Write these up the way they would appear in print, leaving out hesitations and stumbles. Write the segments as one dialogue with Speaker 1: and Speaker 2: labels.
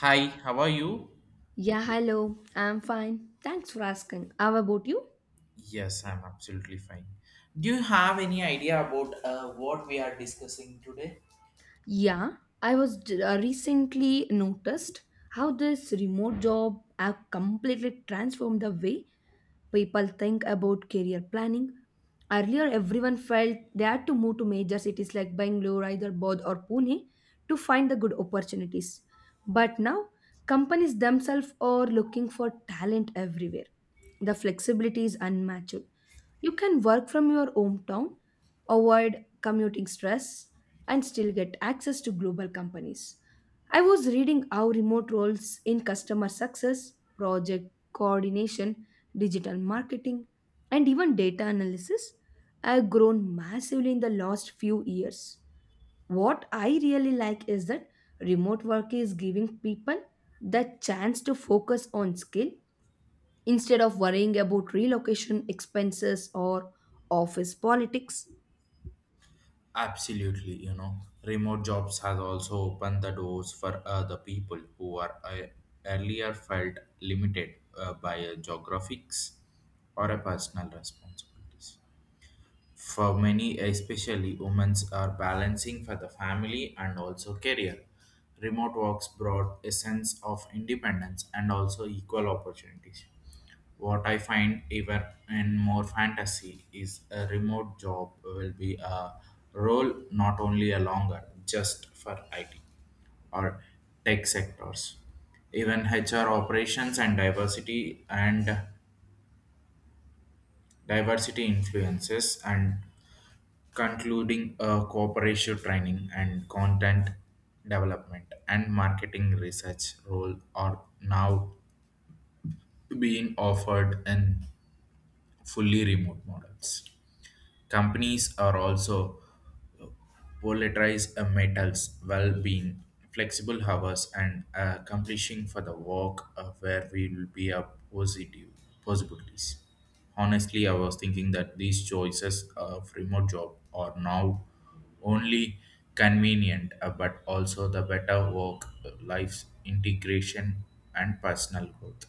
Speaker 1: Hi, how are you?
Speaker 2: Yeah, hello. I'm fine. Thanks for asking. How about you?
Speaker 1: Yes, I'm absolutely fine. Do you have any idea about what we are discussing today?
Speaker 2: Yeah, I recently noticed how this remote job have completely transformed the way people think about career planning. Earlier, everyone felt they had to move to major cities like Bangalore, Hyderabad, or Pune to find the good opportunities. But now, companies themselves are looking for talent everywhere. The flexibility is unmatched. You can work from your hometown, avoid commuting stress, and still get access to global companies. I was reading how remote roles in customer success, project coordination, digital marketing, and even data analysis have grown massively in the last few years. What I really like is that remote work is giving people the chance to focus on skill instead of worrying about relocation expenses or office politics.
Speaker 1: Absolutely, you know, remote jobs has also opened the doors for other people who are earlier felt limited by geographics or a personal responsibilities. For many, especially women, are balancing for the family and also career. Remote works brought a sense of independence and also equal opportunities. What I find even in more fantasy is a remote job will be a role not only a longer just for IT or tech sectors. Even HR operations and diversity influences and concluding a cooperative training and content development and marketing research role are now being offered in fully remote models. Companies are also polarize a metal's well-being, flexible hours, and accomplishing for the work of where we will be a positive possibilities. Honestly, I was thinking that these choices of remote job are now only convenient, but also the better work-life integration and personal growth.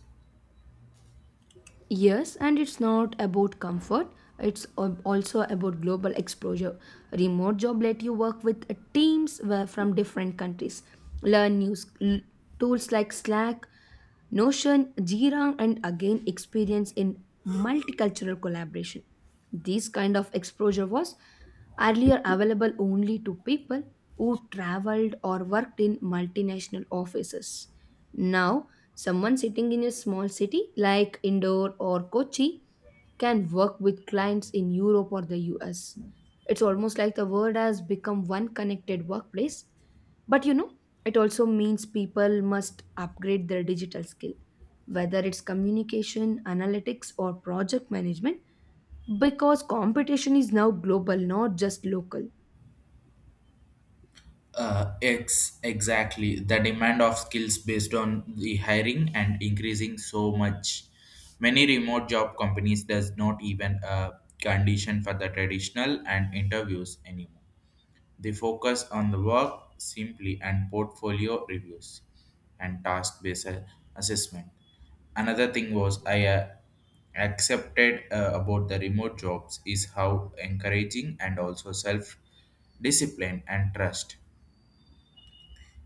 Speaker 2: Yes, and it's not about comfort. It's also about global exposure. Remote job let you work with teams from different countries. Learn tools like Slack, Notion, Jira, and again experience in multicultural collaboration. This kind of exposure was earlier available only to people who traveled or worked in multinational offices. Now, someone sitting in a small city like Indore or Kochi can work with clients in Europe or the US. It's almost like the world has become one connected workplace. But you know, it also means people must upgrade their digital skill, whether it's communication, analytics, or project management, because competition is now global, not just local.
Speaker 1: Ex exactly the demand of skills based on the hiring and increasing so much. Many remote job companies does not even condition for the traditional and interviews anymore. They focus on the work simply and portfolio reviews and task based assessment. Another thing was I accepted about the remote jobs is how encouraging and also self discipline and trust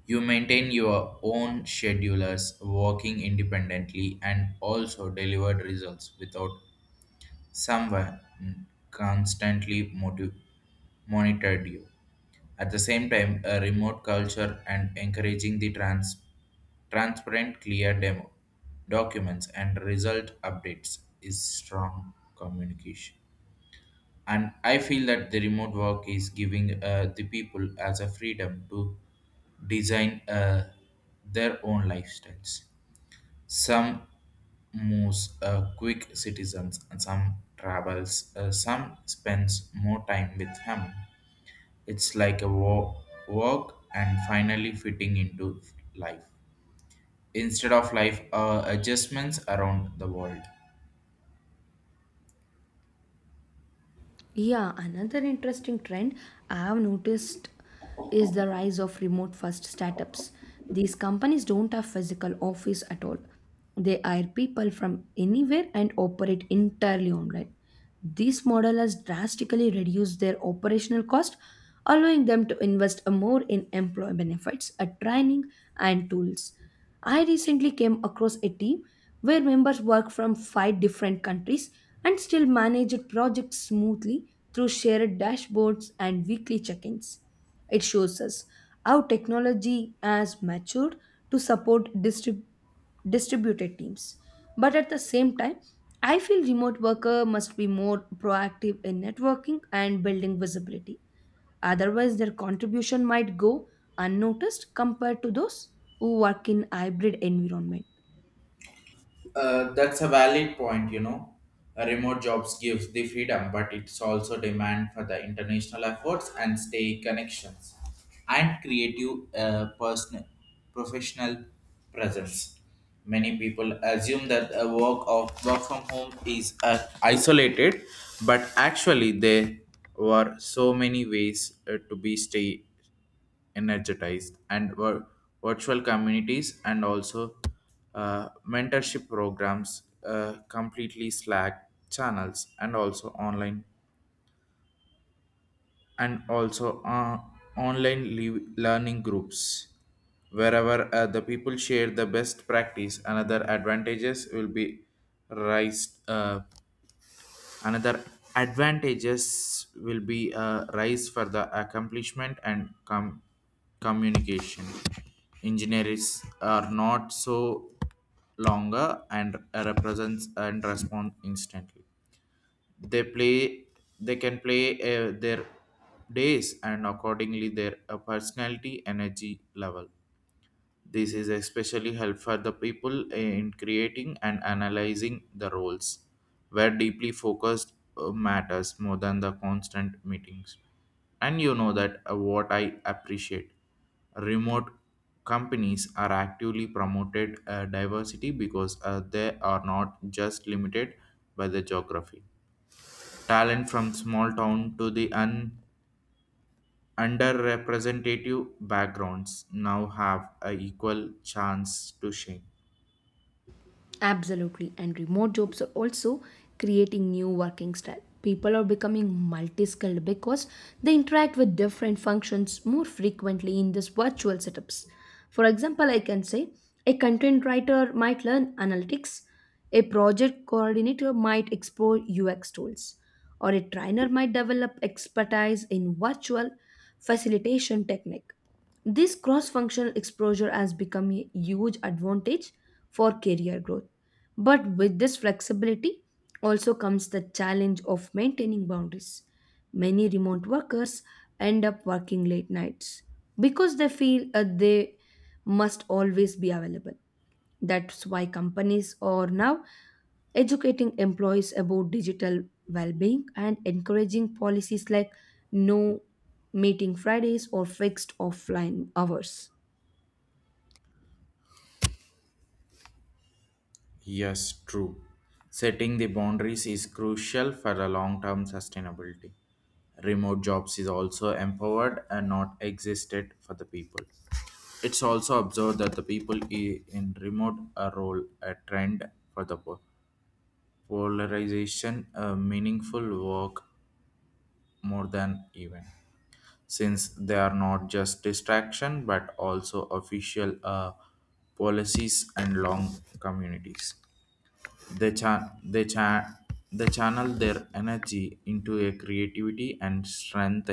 Speaker 1: you maintain your own schedulers, working independently, and also delivered results without someone constantly motiv- monitored you. At the same time, a remote culture and encouraging the transparent, clear demo documents and result updates is strong communication and I feel that the remote work is giving the people as a freedom to design their own lifestyles, some moves quick citizens and some travels some spends more time with him. It's like a work and finally fitting into life instead of life adjustments around the world.
Speaker 2: Yeah, another interesting trend I have noticed is the rise of remote first startups. These companies don't have physical office at all. They hire people from anywhere and operate entirely online. This model has drastically reduced their operational cost, allowing them to invest more in employee benefits, training, and tools. I recently came across a team where members work from five different countries and still manage projects smoothly through shared dashboards and weekly check ins. It shows us how technology has matured to support distributed teams. But at the same time, I feel remote worker must be more proactive in networking and building visibility. Otherwise, their contribution might go unnoticed compared to those who work in hybrid environment.
Speaker 1: That's a valid point, you know. Remote jobs gives the freedom, but it's also demand for the international efforts and stay connections and creative personal professional presence. Many people assume that a work of work from home is isolated, but actually there were so many ways to be stay energized and virtual communities and also mentorship programs completely slack channels and also online learning groups wherever the people share the best practice, another advantages will be raised Another advantages will be a rise for the accomplishment and communication. Engineers are not so longer and represents and respond instantly. They play they can play their days and accordingly their personality energy level. This is especially helpful for the people in creating and analyzing the roles, where deeply focused matters more than the constant meetings. And you know that what I appreciate. Remote companies are actively promoted diversity because they are not just limited by the geography. Talent from small town to the underrepresentative backgrounds now have a equal chance to shine.
Speaker 2: Absolutely. And remote jobs are also creating new working style. People are becoming multi-skilled because they interact with different functions more frequently in these virtual setups. For example, I can say a content writer might learn analytics, a project coordinator might explore UX tools, or a trainer might develop expertise in virtual facilitation technique. This cross functional exposure has become a huge advantage for career growth. But with this flexibility also comes the challenge of maintaining boundaries. Many remote workers end up working late nights because they feel they must always be available. That's why companies are now educating employees about digital well-being and encouraging policies like no meeting fridays or fixed offline hours.
Speaker 1: Yes, true. Setting the boundaries is crucial for a long-term sustainability. Remote jobs is also empowered and not existed for the people. It's also observed that the people in remote role a trend for the polarization, meaningful work more than even, since they are not just distraction but also official policies and long communities. They, cha- they, cha- they channel their energy into a creativity and strength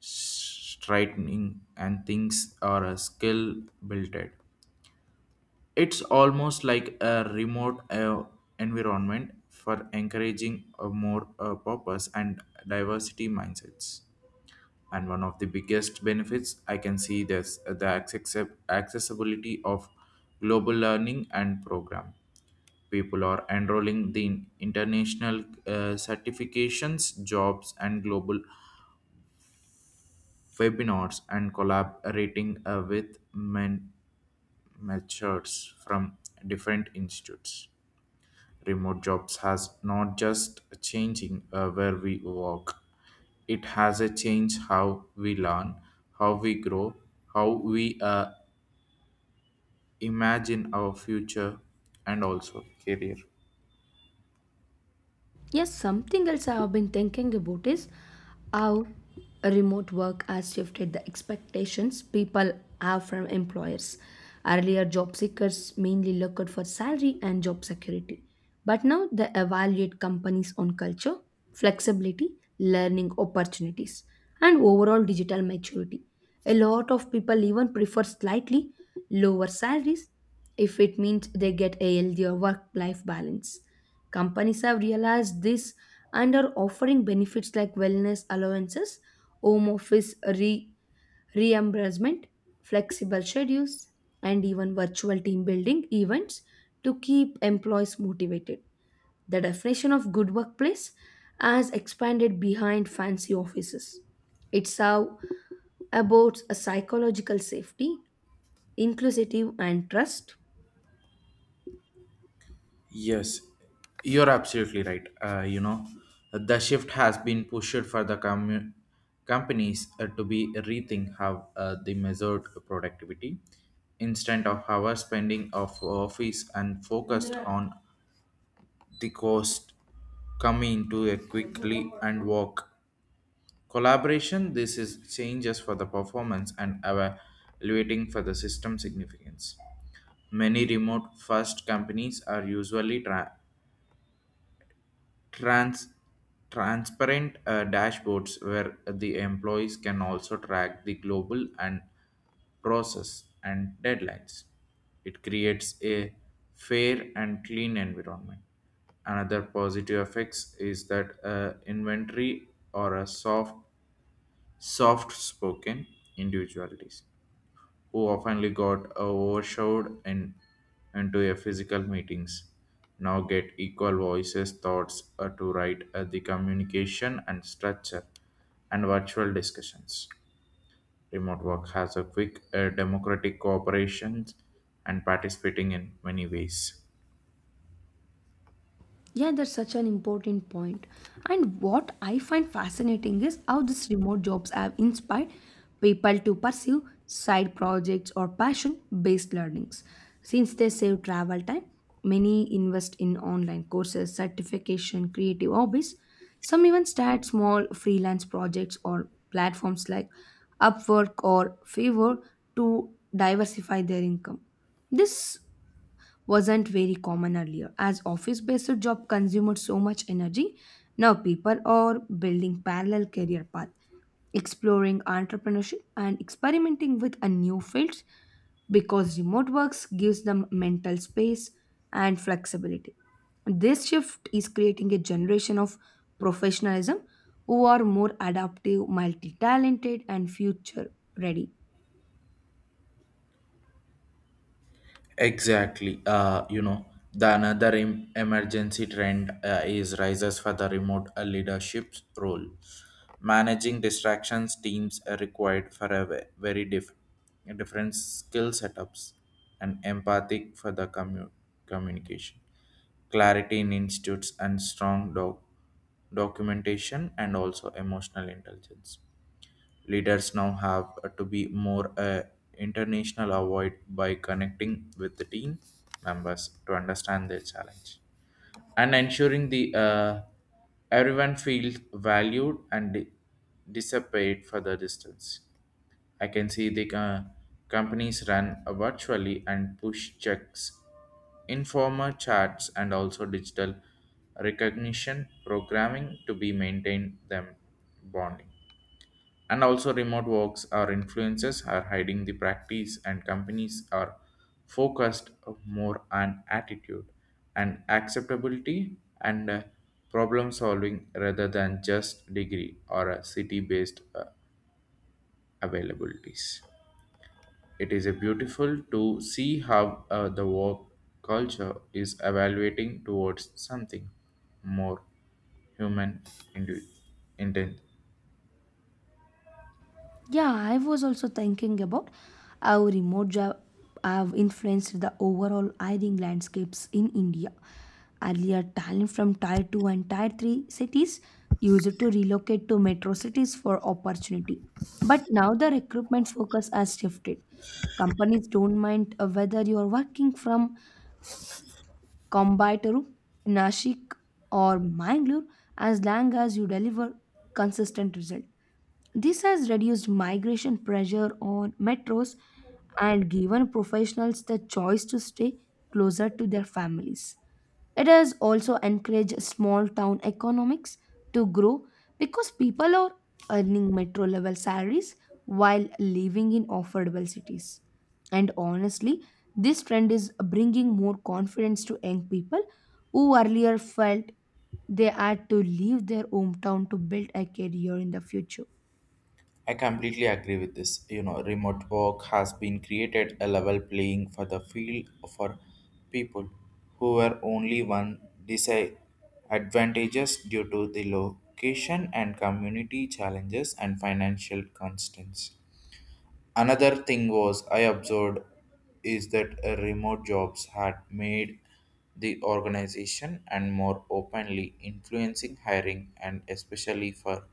Speaker 1: straightening and things are a skill built it. It's almost like a remote environment for encouraging a more purpose and diversity mindsets. And one of the biggest benefits I can see this the accessibility of global learning and program. People are enrolling in international certifications jobs and global webinars and collaborating with mentors from different institutes. Remote jobs has not just changing where we work, it has a change how we learn, how we grow, how we imagine our future and also career.
Speaker 2: Yes, something else I have been thinking about is how remote work has shifted the expectations people have from employers. Earlier, job seekers mainly looked for salary and job security, but now they evaluate companies on culture, flexibility, learning opportunities, and overall digital maturity. A lot of people even prefer slightly lower salaries if it means they get a healthier work life balance. Companies have realized this and are offering benefits like wellness allowances, home office reimbursement, flexible schedules, and even virtual team building events to keep employees motivated. The definition of good workplace has expanded behind fancy offices. It's how about a psychological safety, inclusive and trust.
Speaker 1: Yes, you're absolutely right. You know, the shift has been pushed for the companies to be rethink how they measured productivity instead of our spending of office and focused on the cost coming to a quickly and work collaboration. This is changes for the performance and evaluating for the system significance. Many remote first companies are usually Trans- transparent dashboards where the employees can also track the global and process and deadlines. It creates a fair and clean environment. Another positive effects is that inventory or a soft spoken individualities who often got overshadowed into a physical meetings, now get equal voices, thoughts to write the communication and structure and virtual discussions. Remote work has a quick democratic cooperation and participating in many ways.
Speaker 2: Yeah, that's such an important point. And what I find fascinating is how these remote jobs have inspired people to pursue side projects or passion based learnings. Since they save travel time, many invest in online courses, certification, creative hobbies. Some even start small freelance projects or platforms like Upwork or Fiverr to diversify their income. This wasn't very common earlier. As office based job consumed so much energy, now people are building parallel career path, exploring entrepreneurship and experimenting with a new fields because remote works gives them mental space and flexibility. This shift is creating a generation of professionalism who are more adaptive, multi talented, and future ready.
Speaker 1: Exactly. You know, the another emergency trend is rises for the remote leadership role. Managing distractions teams are required for a very different skill setups and empathic for the communication, clarity in institutes and strong documentation and also emotional intelligence. Leaders now have to be more international avoid by connecting with the team members to understand their challenge and ensuring the everyone feels valued and dissipate for the distance. I can see the companies run virtually and push checks, informal chats, and also digital recognition programming to be maintained them bonding, and also remote works or influences are hiding the practice and companies are focused more on attitude and acceptability and problem solving rather than just degree or a city based availabilities. It is a beautiful to see how the work culture is evaluating towards something more human indu- inten-
Speaker 2: Yeah, I was also thinking about how remote job have influenced the overall hiring landscapes in India. Earlier, talent from Tier 2 and Tier 3 cities used to relocate to metro cities for opportunity. But now the recruitment focus has shifted. Companies don't mind whether you are working from Coimbatore, Nashik, or Mangalore as long as you deliver consistent result. This has reduced migration pressure on metros and given professionals the choice to stay closer to their families. It has also encouraged small town economics to grow because people are earning metro level salaries while living in affordable cities. And honestly, this trend is bringing more confidence to young people who earlier felt they had to leave their hometown to build a career in the future.
Speaker 1: I completely agree with this. You know, remote work has been created a level playing for the field for people who were only one disadvantages due to the location and community challenges and financial constraints. Another thing was I observed is that remote jobs had made the organization and more openly influencing hiring and especially for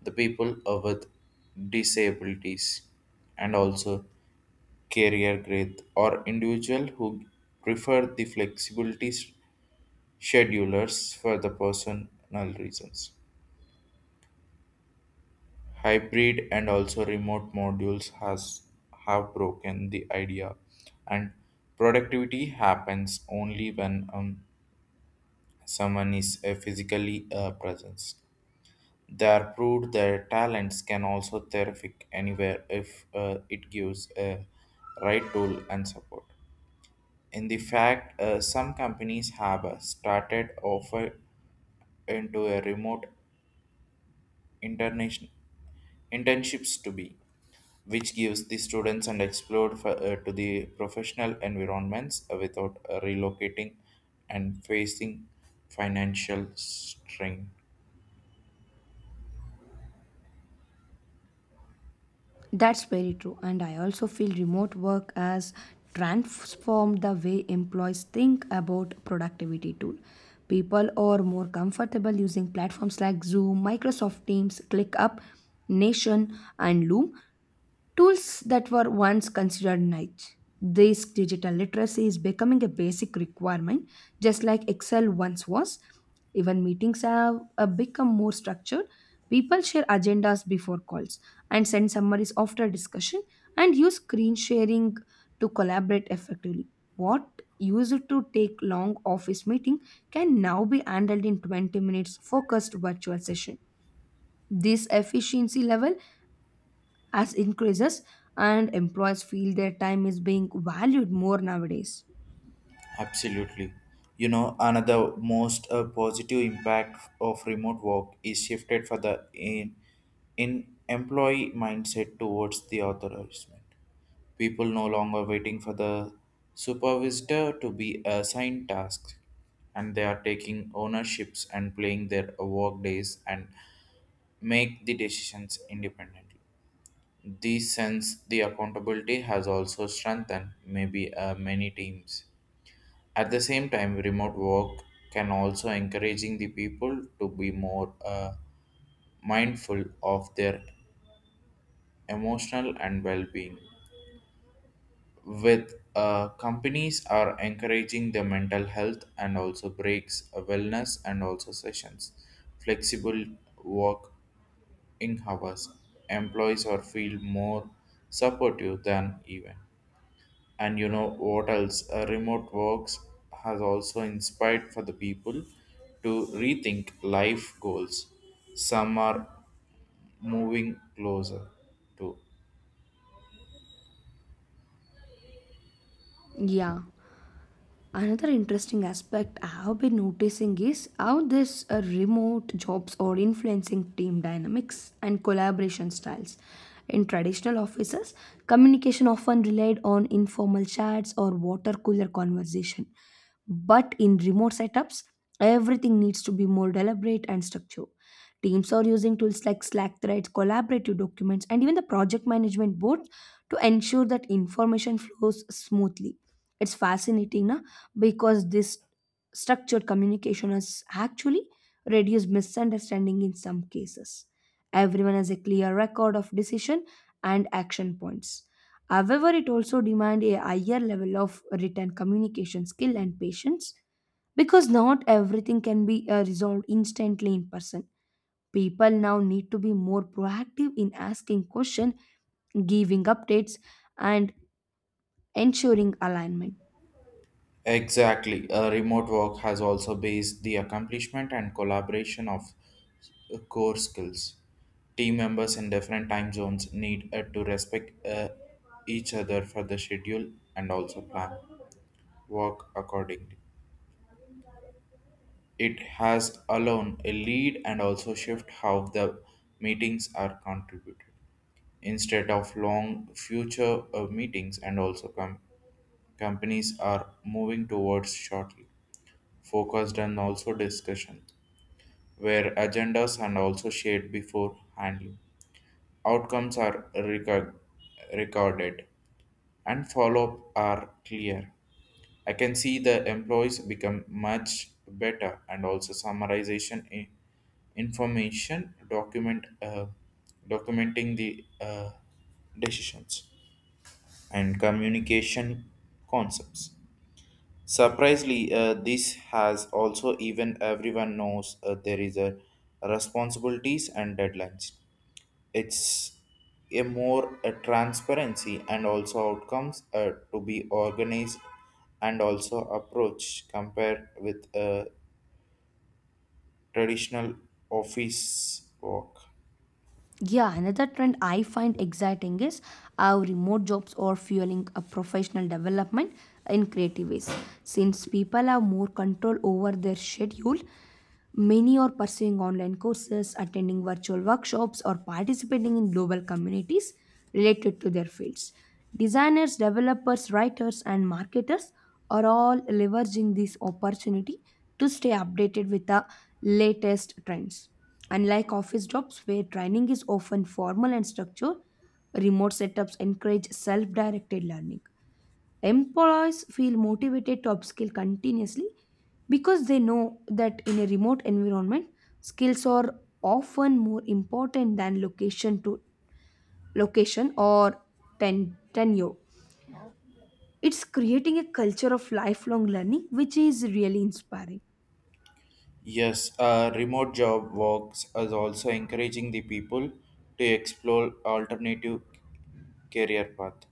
Speaker 1: the people with disabilities and also career growth or individual who prefer the flexibilities schedulers for the personal reasons. Hybrid and also remote modules has have broken the idea and productivity happens only when someone is a physically presence. They are proved their talents can also terrific anywhere if it gives a right tool and support. In the fact, some companies have started offer into a remote international internships to be, which gives the students and explore for, to the professional environments without relocating and facing financial strain.
Speaker 2: That's very true. And I also feel remote work has transformed the way employees think about productivity tool. People are more comfortable using platforms like Zoom, Microsoft Teams, ClickUp, Nation, and Loom, tools that were once considered niche. This digital literacy is becoming a basic requirement, just like Excel once was. Even meetings have become more structured. People share agendas before calls and send summaries after discussion and use screen sharing to collaborate effectively. What used to take long office meeting can now be handled in 20 minutes focused virtual session. This efficiency level as increases and employees feel their time is being valued more nowadays.
Speaker 1: Absolutely. You know, another most positive impact of remote work is shifted for the in employee mindset towards the authorization. People no longer waiting for the supervisor to be assigned tasks, and they are taking ownerships and playing their work days and make the decisions independently. This sense the accountability has also strengthened maybe many teams. At the same time, remote work can also encouraging the people to be more mindful of their emotional and well-being with companies are encouraging the mental health and also breaks wellness and also sessions, flexible working hours. Employees are feel more supportive than even, and you know what else remote works has also inspired for the people to rethink life goals. Some are moving closer to
Speaker 2: Yeah. Another interesting aspect I have been noticing is how this remote jobs are influencing team dynamics and collaboration styles. In traditional offices, communication often relied on informal chats or water cooler conversation. But in remote setups, everything needs to be more deliberate and structured. Teams are using tools like Slack threads, collaborative documents, and even the project management boards to ensure that information flows smoothly. It's fascinating, na? Because this structured communication has actually reduced misunderstanding in some cases. Everyone has a clear record of decision and action points. However, it also demands a higher level of written communication skill and patience because not everything can be resolved instantly in person. People now need to be more proactive in asking questions, giving updates, and ensuring alignment.
Speaker 1: exactly. Remote work has also based the accomplishment and collaboration of core skills. Team members in different time zones need to respect each other for the schedule and also plan work accordingly. It has alone a lead and also shift how the meetings are contributed. Instead of long future meetings and also companies are moving towards shortly focused and also discussion, where agendas and also shared before handling. Outcomes are recorded and follow-up are clear. I can see the employees become much better and also summarization information document documenting the decisions and communication concepts. Surprisingly, this has also even everyone knows there is a responsibilities and deadlines. It's a more a transparency and also outcomes to be organized and also approach compared with a traditional office work.
Speaker 2: Yeah, another trend I find exciting is how remote jobs are fueling a professional development in creative ways. Since people have more control over their schedule, many are pursuing online courses, attending virtual workshops, or participating in global communities related to their fields. Designers, developers, writers, and marketers are all leveraging this opportunity to stay updated with the latest trends. Unlike office jobs where training is often formal and structured, remote setups encourage self directed learning. Employees feel motivated to upskill continuously because they know that in a remote environment, skills are often more important than location to location or tenure. It's creating a culture of lifelong learning, which is really inspiring.
Speaker 1: Yes, remote job works is also encouraging the people to explore alternative career path.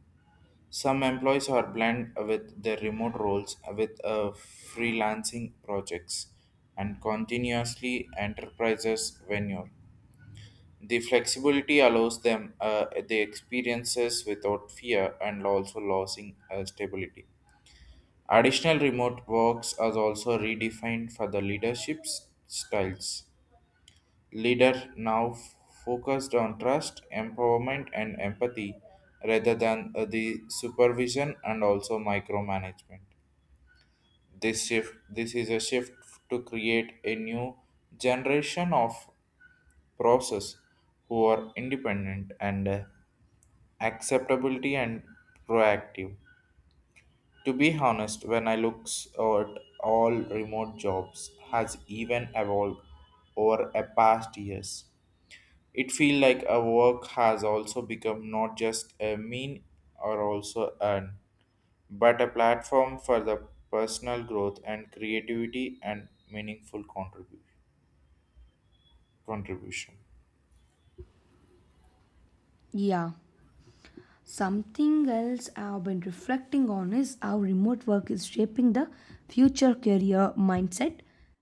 Speaker 1: Some employees are blend with their remote roles with freelancing projects and continuously enterprises venture. The flexibility allows them the experiences without fear and also losing stability. Additional remote works are also redefined for the leadership styles. Leader now focused on trust, empowerment, and empathy rather than the supervision and also micromanagement. This is a shift to create a new generation of process who are independent and acceptability and proactive. To be honest, when I look at all remote jobs has even evolved over a past years. It feels like a work has also become not just a mean or also an, but a platform for the personal growth and creativity and meaningful contribution.
Speaker 2: Yeah. Something else I've been reflecting on is how remote work is shaping the future career mindset,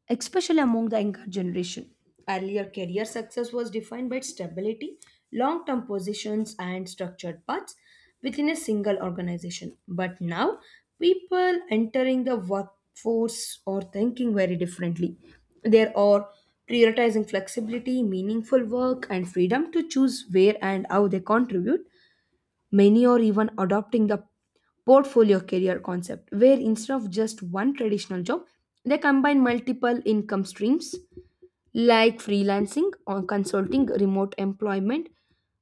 Speaker 2: especially among the younger generation. Earlier, career success was defined by stability, long term positions, and structured paths within a single organization. But now, people entering the workforce are thinking very differently. They are prioritizing flexibility, meaningful work, and freedom to choose where and how they contribute. Many are even adopting the portfolio career concept, where instead of just one traditional job, they combine multiple income streams like freelancing or consulting, remote employment,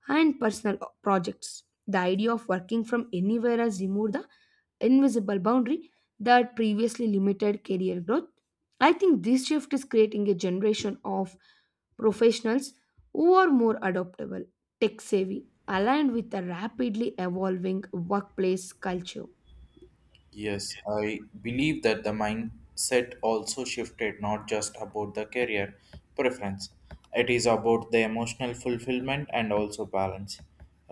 Speaker 2: and personal projects. The idea of working from anywhere has removed the invisible boundary that previously limited career growth. I think this shift is creating a generation of professionals who are more adaptable, tech savvy, aligned with the rapidly evolving workplace culture.
Speaker 1: Yes, I believe that the mindset also shifted not just about the career preference. It is about the emotional fulfillment and also balance.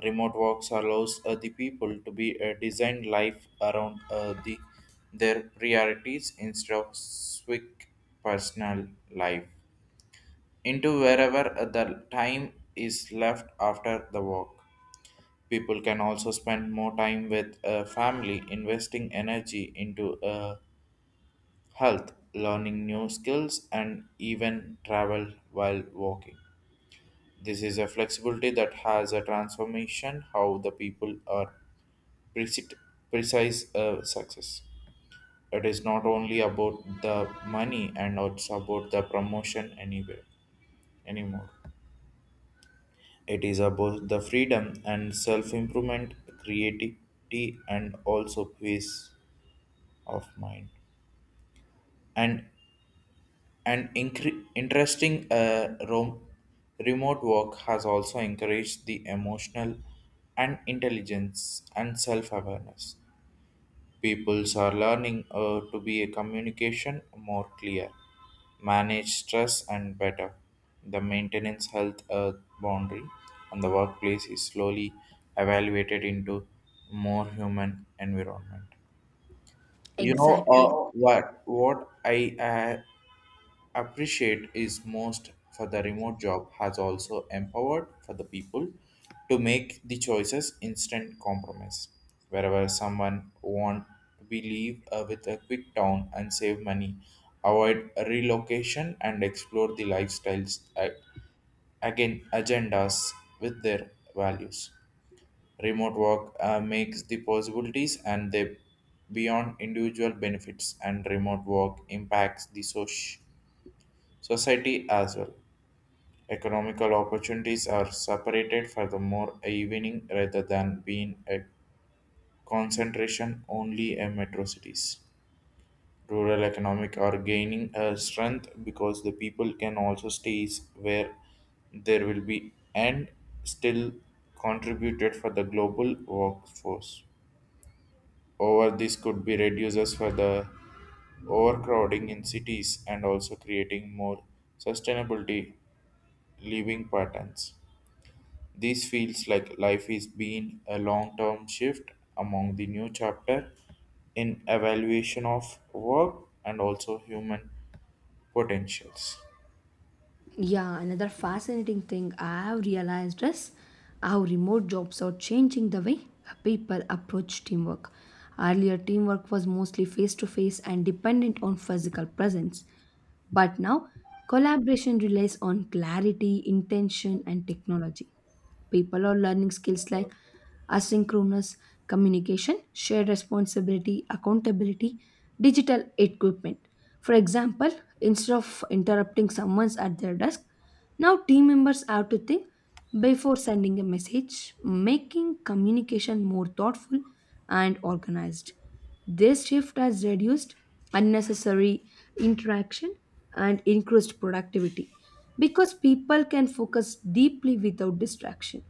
Speaker 1: Remote works allows the people to be a design life around the their priorities instead of quick personal life into wherever the time is left after the work. People can also spend more time with family, investing energy into health, learning new skills, and even travel while walking. This is a flexibility that has a transformation how the people are precise, precise success. It is not only about the money and also about the promotion anywhere anymore. It is about the freedom and self improvement, creativity, and also peace of mind. And an interesting remote work has also encouraged the emotional and intelligence and self awareness. Peoples are learning to be a communication more clear, manage stress and better. The maintenance health boundary on the workplace is slowly evaluated into more human environment.
Speaker 2: You.
Speaker 1: You know
Speaker 2: Exactly.
Speaker 1: uh,
Speaker 2: Know.
Speaker 1: what I appreciate is most for the remote job has also empowered for the people to make the choices instant compromise wherever someone want to be leave with a quick town and save money avoid relocation and explore the lifestyles again agendas with their values remote work makes the possibilities and they beyond individual benefits and remote work impacts the soc. Society as well. Economical opportunities are separated for the more evening rather than being a concentration only in metro cities. Rural economic are gaining a strength because the people can also stay where there will be and still contributed for the global workforce. Over this could be reduces for the overcrowding in cities and also creating more sustainability living patterns. This feels like life is being a long-term shift among the new chapter in evaluation of work and also human potentials.
Speaker 2: Yeah, another fascinating thing I have realized is how remote jobs are changing the way people approach teamwork. Earlier, teamwork was mostly face to face and dependent on physical presence. But now, collaboration relies on clarity, intention, and technology. People are learning skills like asynchronous communication, shared responsibility, accountability, digital equipment. For example, instead of interrupting someone at their desk, now team members have to think before sending a message, making communication more thoughtful and organized. This shift has reduced unnecessary interaction and increased productivity because people can focus deeply without distraction.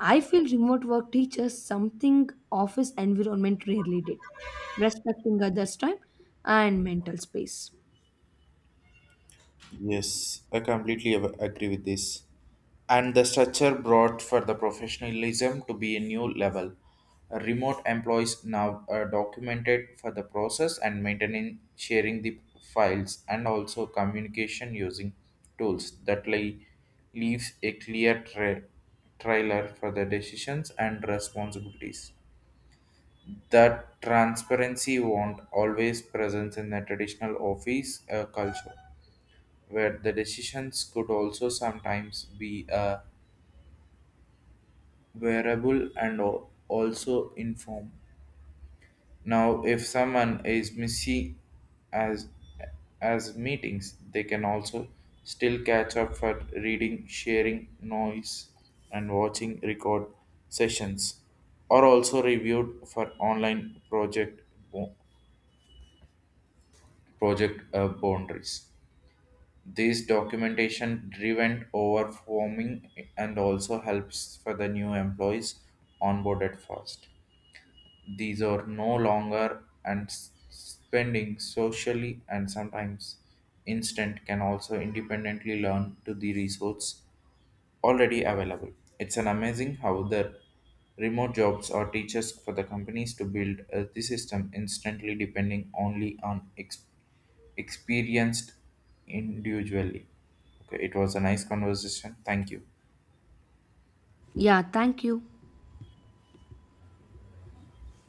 Speaker 2: I feel remote work teaches something office environment rarely did, respecting others' time and mental space.
Speaker 1: Yes, I completely agree with this. And the structure brought for the professionalism to be a new level. Remote employees now are documented for the process and maintaining sharing the files and also communication using tools that leaves a clear trailer for the decisions and responsibilities. That transparency won't always present in the traditional office culture where the decisions could also sometimes be a variable and also inform. Now, if someone is missing as as meetings, they can also still catch up for reading, sharing noise, and watching record sessions, or also reviewed for online project bo- project boundaries. This documentation driven overforming and also helps for the new employees onboarded first. These are no longer and spending socially and sometimes instant can also independently learn to the resource already available. It's an amazing how the remote jobs or teachers for the companies to build the system instantly depending only on experienced individually. Okay, it was a nice conversation. Thank you.
Speaker 2: Yeah, thank you.